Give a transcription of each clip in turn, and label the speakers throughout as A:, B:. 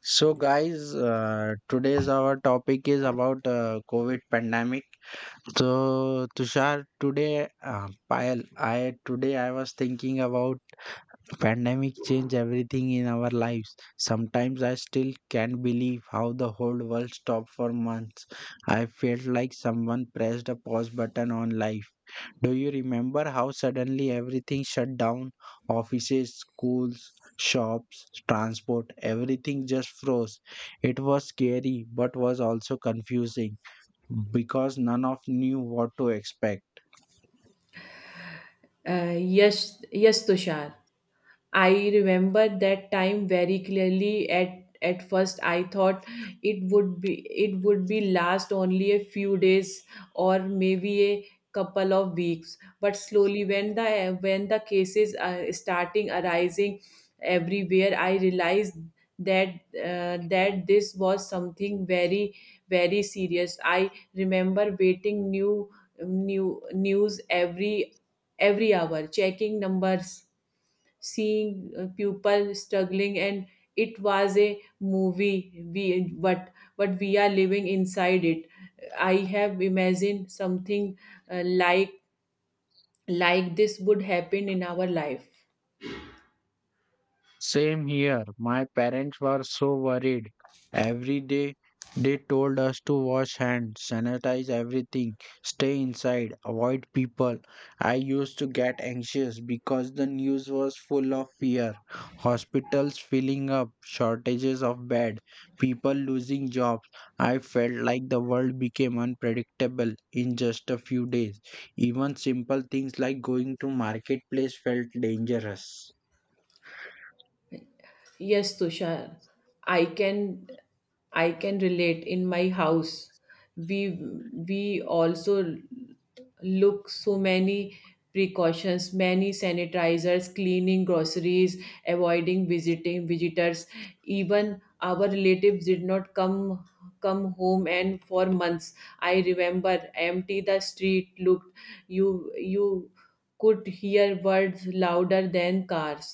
A: So, guys, today's our topic is about COVID pandemic. So, Tushar, today, Payal, I today I was thinking about pandemic change everything in our lives. Sometimes I still can't believe how the whole world stopped for months. I felt like someone pressed a pause button on life. Do you remember how suddenly everything shut down? Offices, schools, shops, transport, everything just froze. It was scary but was also confusing because none of knew what to expect.
B: Yes, yes, Tushar. I remember that time very clearly. At first, I thought it would be last only a few days or maybe a couple of weeks. But slowly, when the cases are starting arising everywhere, I realized that that this was something very serious. I remember waiting new news every hour, checking numbers, seeing people struggling, and it was a movie. We but we are living inside it. I have imagined something uh, like like this would happen in our life.
A: Same here. My parents were so worried. Every day they told us to wash hands, sanitize everything, stay inside, avoid people. I used to get anxious because the news was full of fear. Hospitals filling up, shortages of bed, people losing jobs. I felt like the world became unpredictable in just a few days. Even simple things like going to marketplace felt dangerous.
B: Yes, Tushar, I can I can relate. In my house, we we also look so many precautions, many sanitizers, cleaning groceries, avoiding visiting visitors. Even our relatives did not come home and for months I remember empty the street looked you could hear words louder than cars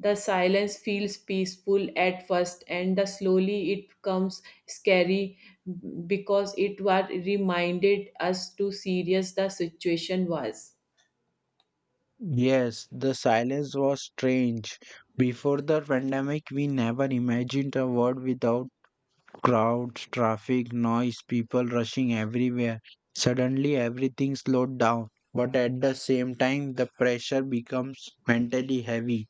B: the silence feels peaceful at first, and the slowly it becomes scary because it was reminded us to serious the situation was.
A: Yes, the silence was strange. Before the pandemic, we never imagined a world without crowds, traffic, noise, people rushing everywhere. Suddenly, everything slowed down. But at the same time, the pressure becomes mentally heavy.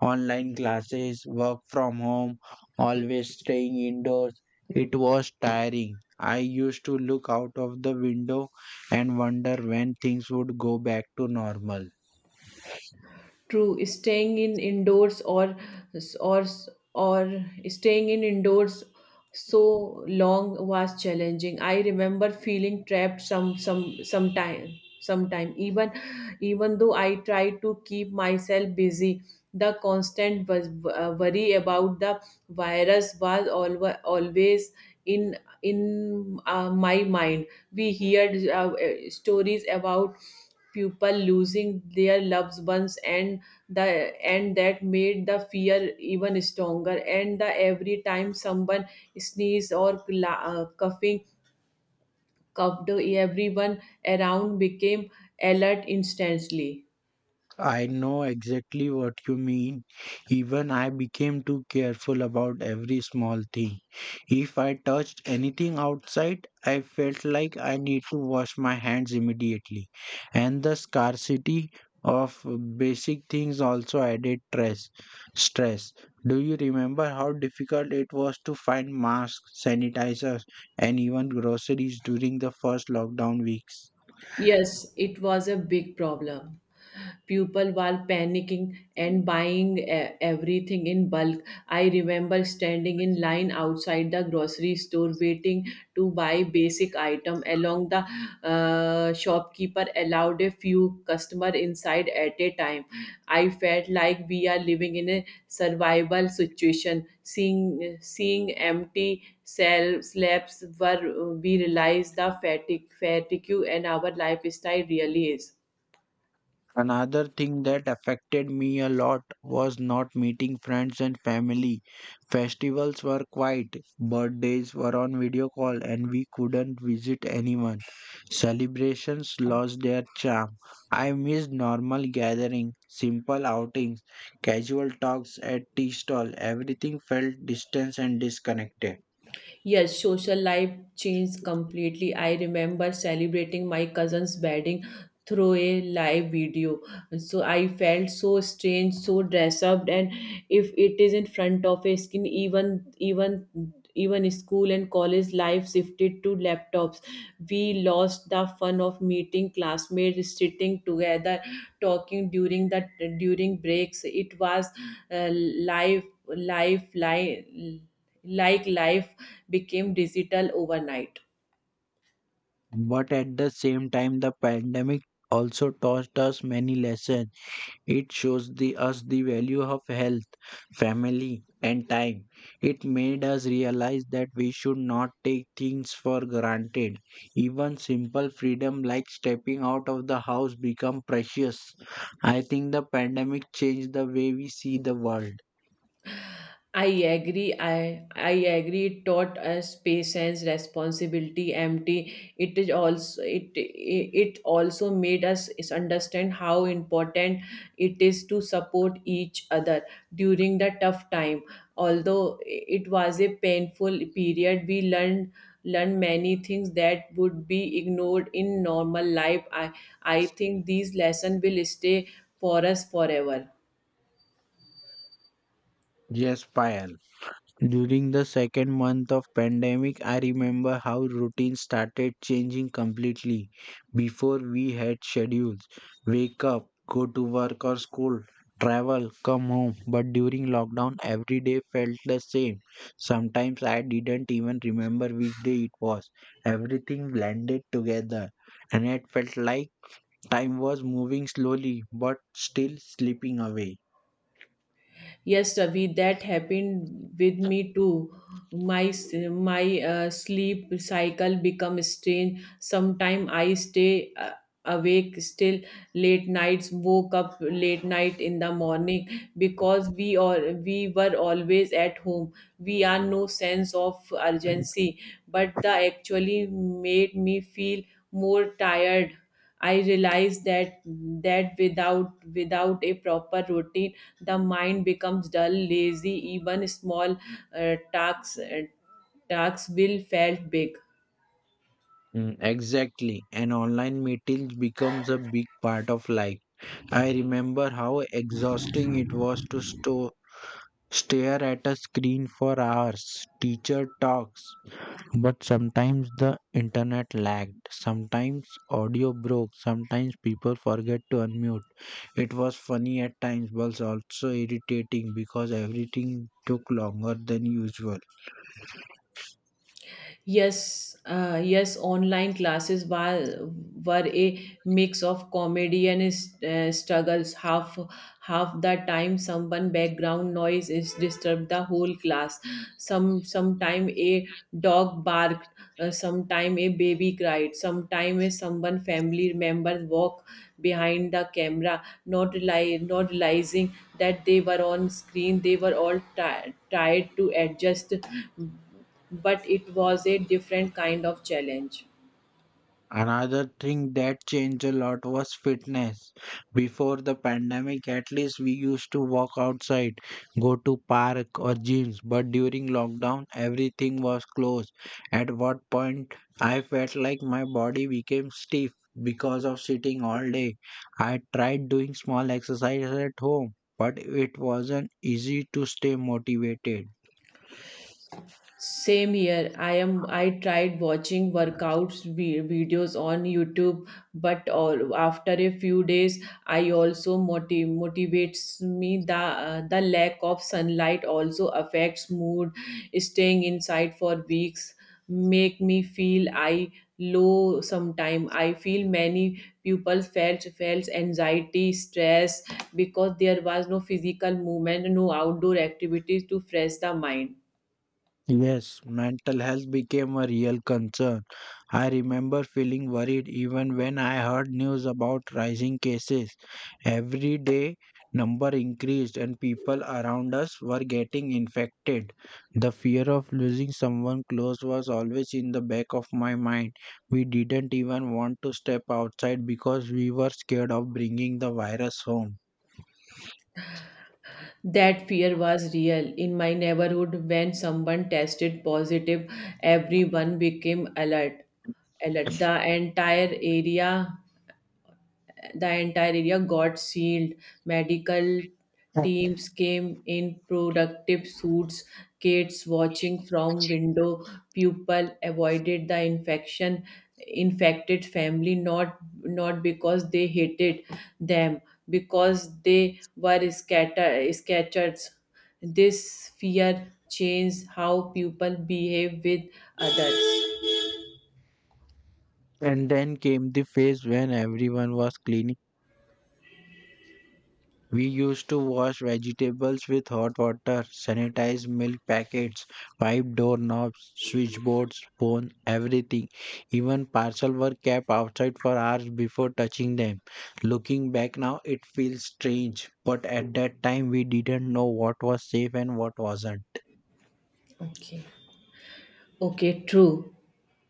A: Online classes, work from home, always staying indoors. It was tiring. I used to look out of the window and wonder when things would go back to normal.
B: True, staying in indoors or or staying in indoors so long was challenging. I remember feeling trapped sometime even though I tried to keep myself busy. The constant was, worry about the virus was always in my mind we hear stories about people losing their loved ones the and that made the fear even stronger and the every time someone sneezed or cla- coughing coughed everyone around became alert instantly.
A: I know exactly what you mean. Even I became too careful about every small thing. If I touched anything outside, I felt like I need to wash my hands immediately. And the scarcity of basic things also added stress. Stress. Do you remember how difficult it was to find masks, sanitizers, and even groceries during the first lockdown weeks?
B: Yes, it was a big problem. People were panicking and buying everything in bulk. I remember standing in line outside the grocery store waiting to buy basic item along the shopkeeper allowed a few customer inside at a time. I felt like we are living in a survival situation. Seeing empty cell slabs where we realize the fatigue and our lifestyle really is.
A: Another thing that affected me a lot was not meeting friends and family. Festivals were quiet, birthdays were on video call, and we couldn't visit anyone. Celebrations lost their charm. I missed normal gatherings, simple outings, casual talks at tea stall. Everything felt distant and disconnected.
B: Yes, social life changed completely. I remember celebrating my cousin's wedding through a live video. So I felt so strange, so dressed up, and if it is in front of a screen, even school and college life shifted to laptops. We lost the fun of meeting classmates, sitting together, talking during the during breaks. It was uh, life life life life became digital overnight.
A: But at the same time, the pandemic also taught us many lessons. It shows us the value of health family, and time. It made us realize that we should not take things for granted. Even simple freedom like stepping out of the house become precious. I think the pandemic changed the way we see the world.
B: I agree. It taught us patience, responsibility, empty. It is also it also made us is understand how important it is to support each other during the tough time. Although it was a painful period, we learned many things that would be ignored in normal life. I think these lessons will stay for us forever.
A: Yes, Payal. During the second month of pandemic, I remember how routines started changing completely. Before we had schedules, wake up, go to work or school, travel, come home. But during lockdown, every day felt the same. Sometimes I didn't even remember which day it was. Everything blended together and it felt like time was moving slowly but still slipping away.
B: Yes, Ravi, that happened with me too. My s- my sleep cycle become strange. Sometime I stay awake still late nights. Woke up late night in the morning because we or we were always at home. We are no sense of urgency, but the actually made me feel more tired. I realized that without a proper routine, the mind becomes dull, lazy. Even small uh, tasks uh, tasks will felt big.
A: Mm, exactly. And online meetings becomes a big part of life. I remember how exhausting it was to stare at a screen for hours, teacher talks. But sometimes the internet lagged, sometimes audio broke, sometimes people forget to unmute. It was funny at times, but also irritating because everything took longer than usual.
B: Yes, yes. Online classes were a mix of comedy and struggles. Half the time, someone background noise is disturbed the whole class. Sometime a dog bark sometime a baby cried sometime a someone family member walk behind the camera not realizing that they were on screen they were all tired to adjust but it was a different kind of challenge.
A: Another thing that changed a lot was fitness. Before the pandemic, at least we used to walk outside, go to park or gyms, but during lockdown, everything was closed. At what point, I felt like my body became stiff because of sitting all day. I tried doing small exercises at home, but it wasn't easy to stay motivated.
B: Same here. I am. I tried watching workouts videos on YouTube, but all, after a few days, I also motivates me. The lack of sunlight also affects mood. Staying inside for weeks make me feel I low sometime I feel many people felt anxiety stress because there was no physical movement no outdoor activities to fresh the mind.
A: Yes, mental health became a real concern. I remember feeling worried even when I heard news about rising cases. Every day, number increased and people around us were getting infected. The fear of losing someone close was always in the back of my mind. We didn't even want to step outside because we were scared of bringing the virus home.
B: That fear was real. In my neighborhood, when someone tested positive, everyone became alert. Alert. The entire area got sealed. Medical teams came in protective suits, kids watching from window, people avoided the infection, infected family not because they hated them, because they were scatter sketchers. This fear changed how people behave with others.
A: And then came the phase when everyone was cleaning. We used to wash vegetables with hot water, sanitize milk packets, wipe doorknobs, switchboards, phone, everything. Even parcel were kept outside for hours before touching them. Looking back now, it feels strange, but at that time we didn't know what was safe and what wasn't.
B: Okay. Okay, true.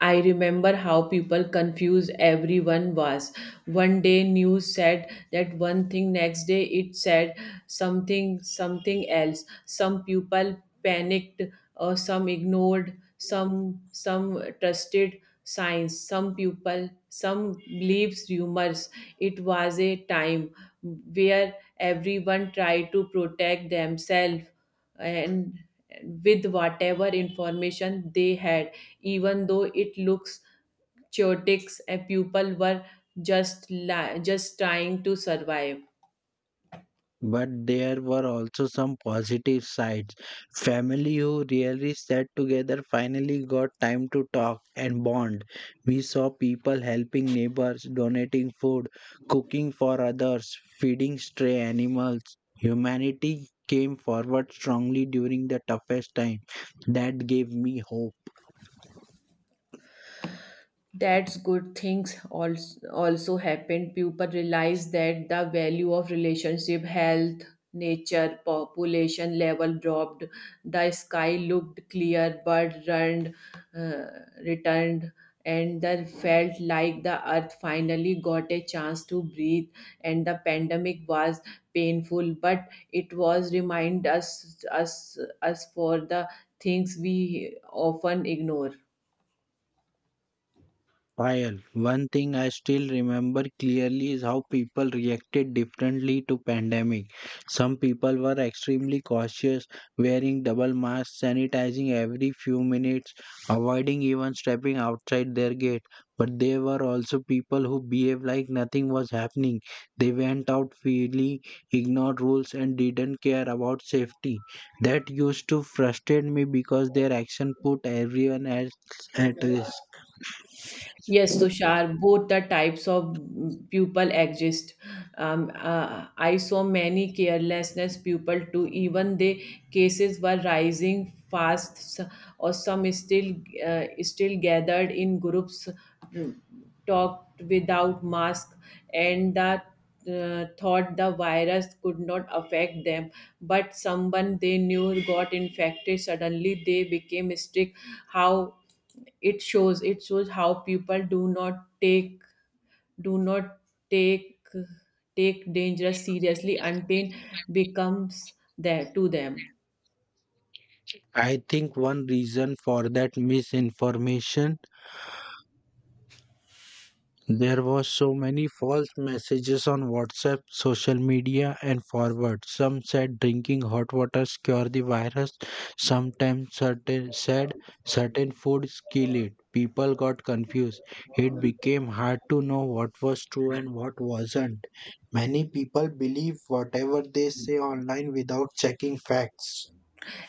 B: I remember how people confused everyone was. One day news said that one thing, next day it said something else. Some people panicked or some ignored, some trusted science, some people some believes rumors. It was a time where everyone tried to protect themselves and with whatever information they had, even though it looks chaotic. And people were just trying to survive.
A: But there were also some positive sides. Family who rarely sat together finally got time to talk and bond. We saw people helping neighbors, donating food, cooking for others, feeding stray animals. Humanity came forward strongly during the toughest time. That gave me hope.
B: That's good things also happened. People realize that the value of relationship, health, nature, population level dropped. The sky looked clear, bird run, uh, returned, and they felt like the earth finally got a chance to breathe. And the pandemic was painful, but it was remind us for the things we often ignore.
A: While one thing I still remember clearly is how people reacted differently to pandemic. Some people were extremely cautious, wearing double masks, sanitizing every few minutes, avoiding even stepping outside their gate. But there were also people who behaved like nothing was happening. They went out freely, ignored rules, and didn't care about safety. That used to frustrate me because their action put everyone else at risk.
B: Yes, Tushar, both the types of people exist. I saw many carelessness people too. Even the cases were rising fast, s- or some still still gathered in groups, mm, talked without mask, and that. Thought the virus could not affect them, but someone they knew got infected. Suddenly, they became strict. How it shows how people do not do not take take dangerous seriously until becomes there to them.
A: I think one reason for that misinformation there was so many false messages on WhatsApp, social media and forward. Some said drinking hot water cure the virus, sometimes certain said certain foods kill it. People got confused. It became hard to know what was true and what wasn't. Many people believe whatever they say online without checking facts.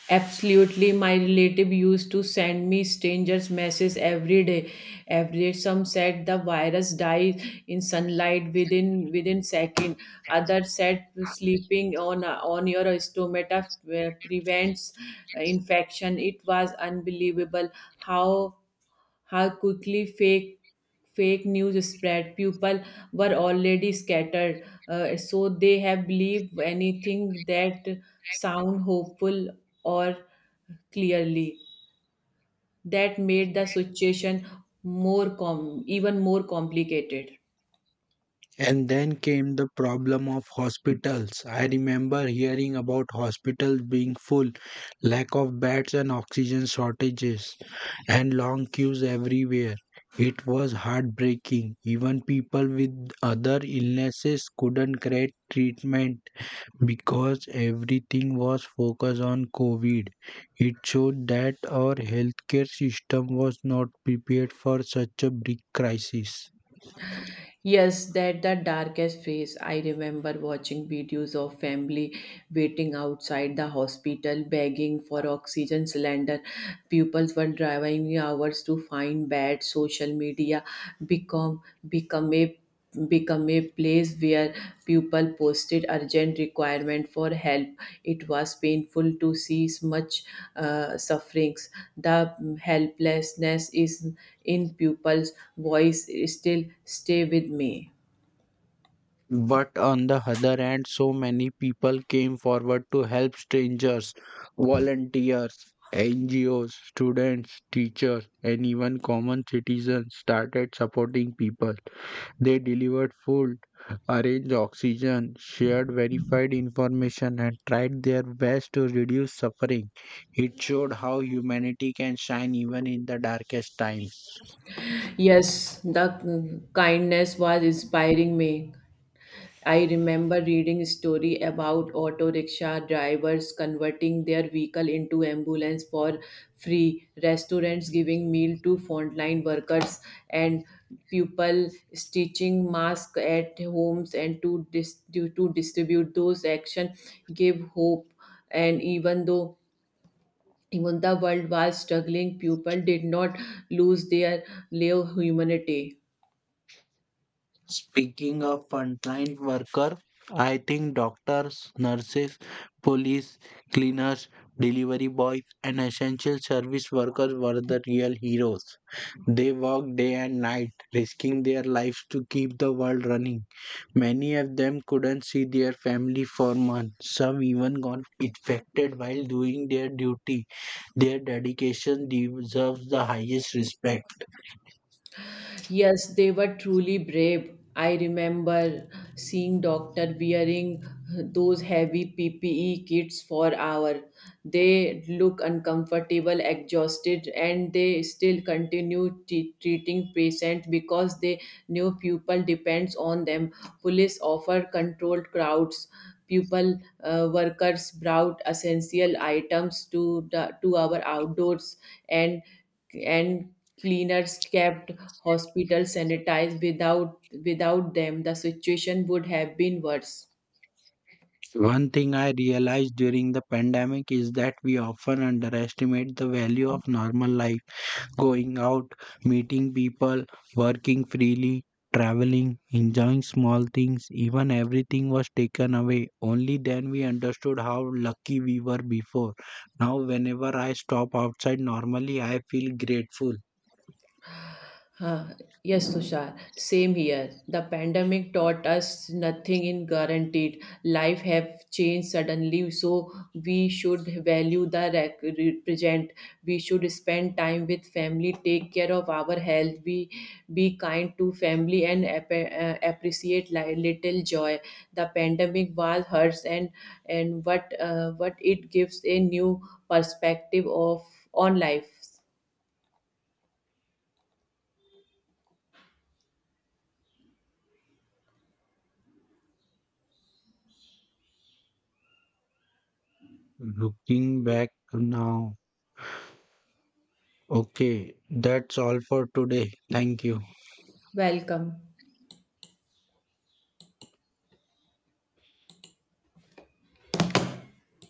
B: Absolutely, my relative used to send me strangers messages every day some said the virus dies in sunlight within second others said sleeping on your stomach prevents infection. It was unbelievable how how quickly fake news spread. People were already scattered so they have believed anything that sound hopeful or clearly that made the situation even more complicated.
A: And then came the problem of hospitals. I remember hearing about hospitals being full, lack of beds and oxygen shortages, and long queues everywhere. It was heartbreaking. Even people with other illnesses couldn't get treatment because everything was focused on COVID. It showed that our healthcare system was not prepared for such a big crisis.
B: Yes, that the darkest phase. I remember watching videos of family waiting outside the hospital begging for oxygen cylinder. Pupils were driving hours to find beds. Social media become become a become a place where people posted urgent requirement for help. It was painful to see much sufferings, the helplessness is in people's voice still stay with me.
A: But on the other hand, so many people came forward to help strangers, volunteers, NGOs, students, teachers, and even common citizens started supporting people. They delivered food, arranged oxygen, shared verified information, and tried their best to reduce suffering. It showed how humanity can shine even in the darkest times.
B: Yes, the kindness was inspiring me. I remember reading a story about auto rickshaw drivers converting their vehicle into ambulance for free, restaurants giving meal to frontline workers, and people stitching masks at homes and to distribute those action gave hope. And even the world was struggling, people did not lose their love humanity.
A: Speaking of frontline worker, I think doctors, nurses, police, cleaners, delivery boys, and essential service workers were the real heroes. They worked day and night, risking their lives to keep the world running. Many of them couldn't see their family for months. Some even got infected while doing their duty. Their dedication deserves the highest respect.
B: Yes, they were truly brave. I remember seeing doctor wearing those heavy PPE kits for hour. They look uncomfortable, exhausted, and they still continue treating patients because they knew people depends on them. Police offer controlled crowds. People workers brought essential items to our outdoors and and cleaners kept hospitals sanitized without them the situation would have been worse.
A: One thing I realized during the pandemic is that we often underestimate the value of normal life, going out, meeting people, working freely, traveling, enjoying small things, even everything was taken away. Only then we understood how lucky we were before. Now, whenever I stop outside normally, I feel grateful.
B: Huh. Yes, Tushar. Same here. The pandemic taught us nothing in guaranteed. Life have changed suddenly, so we should value the represent. We should spend time with family, take care of our health. We be kind to family and appreciate little joy. The pandemic was hurts and what it gives a new perspective of on life.
A: Looking back now, okay, that's all for today. Thank you.
B: Welcome.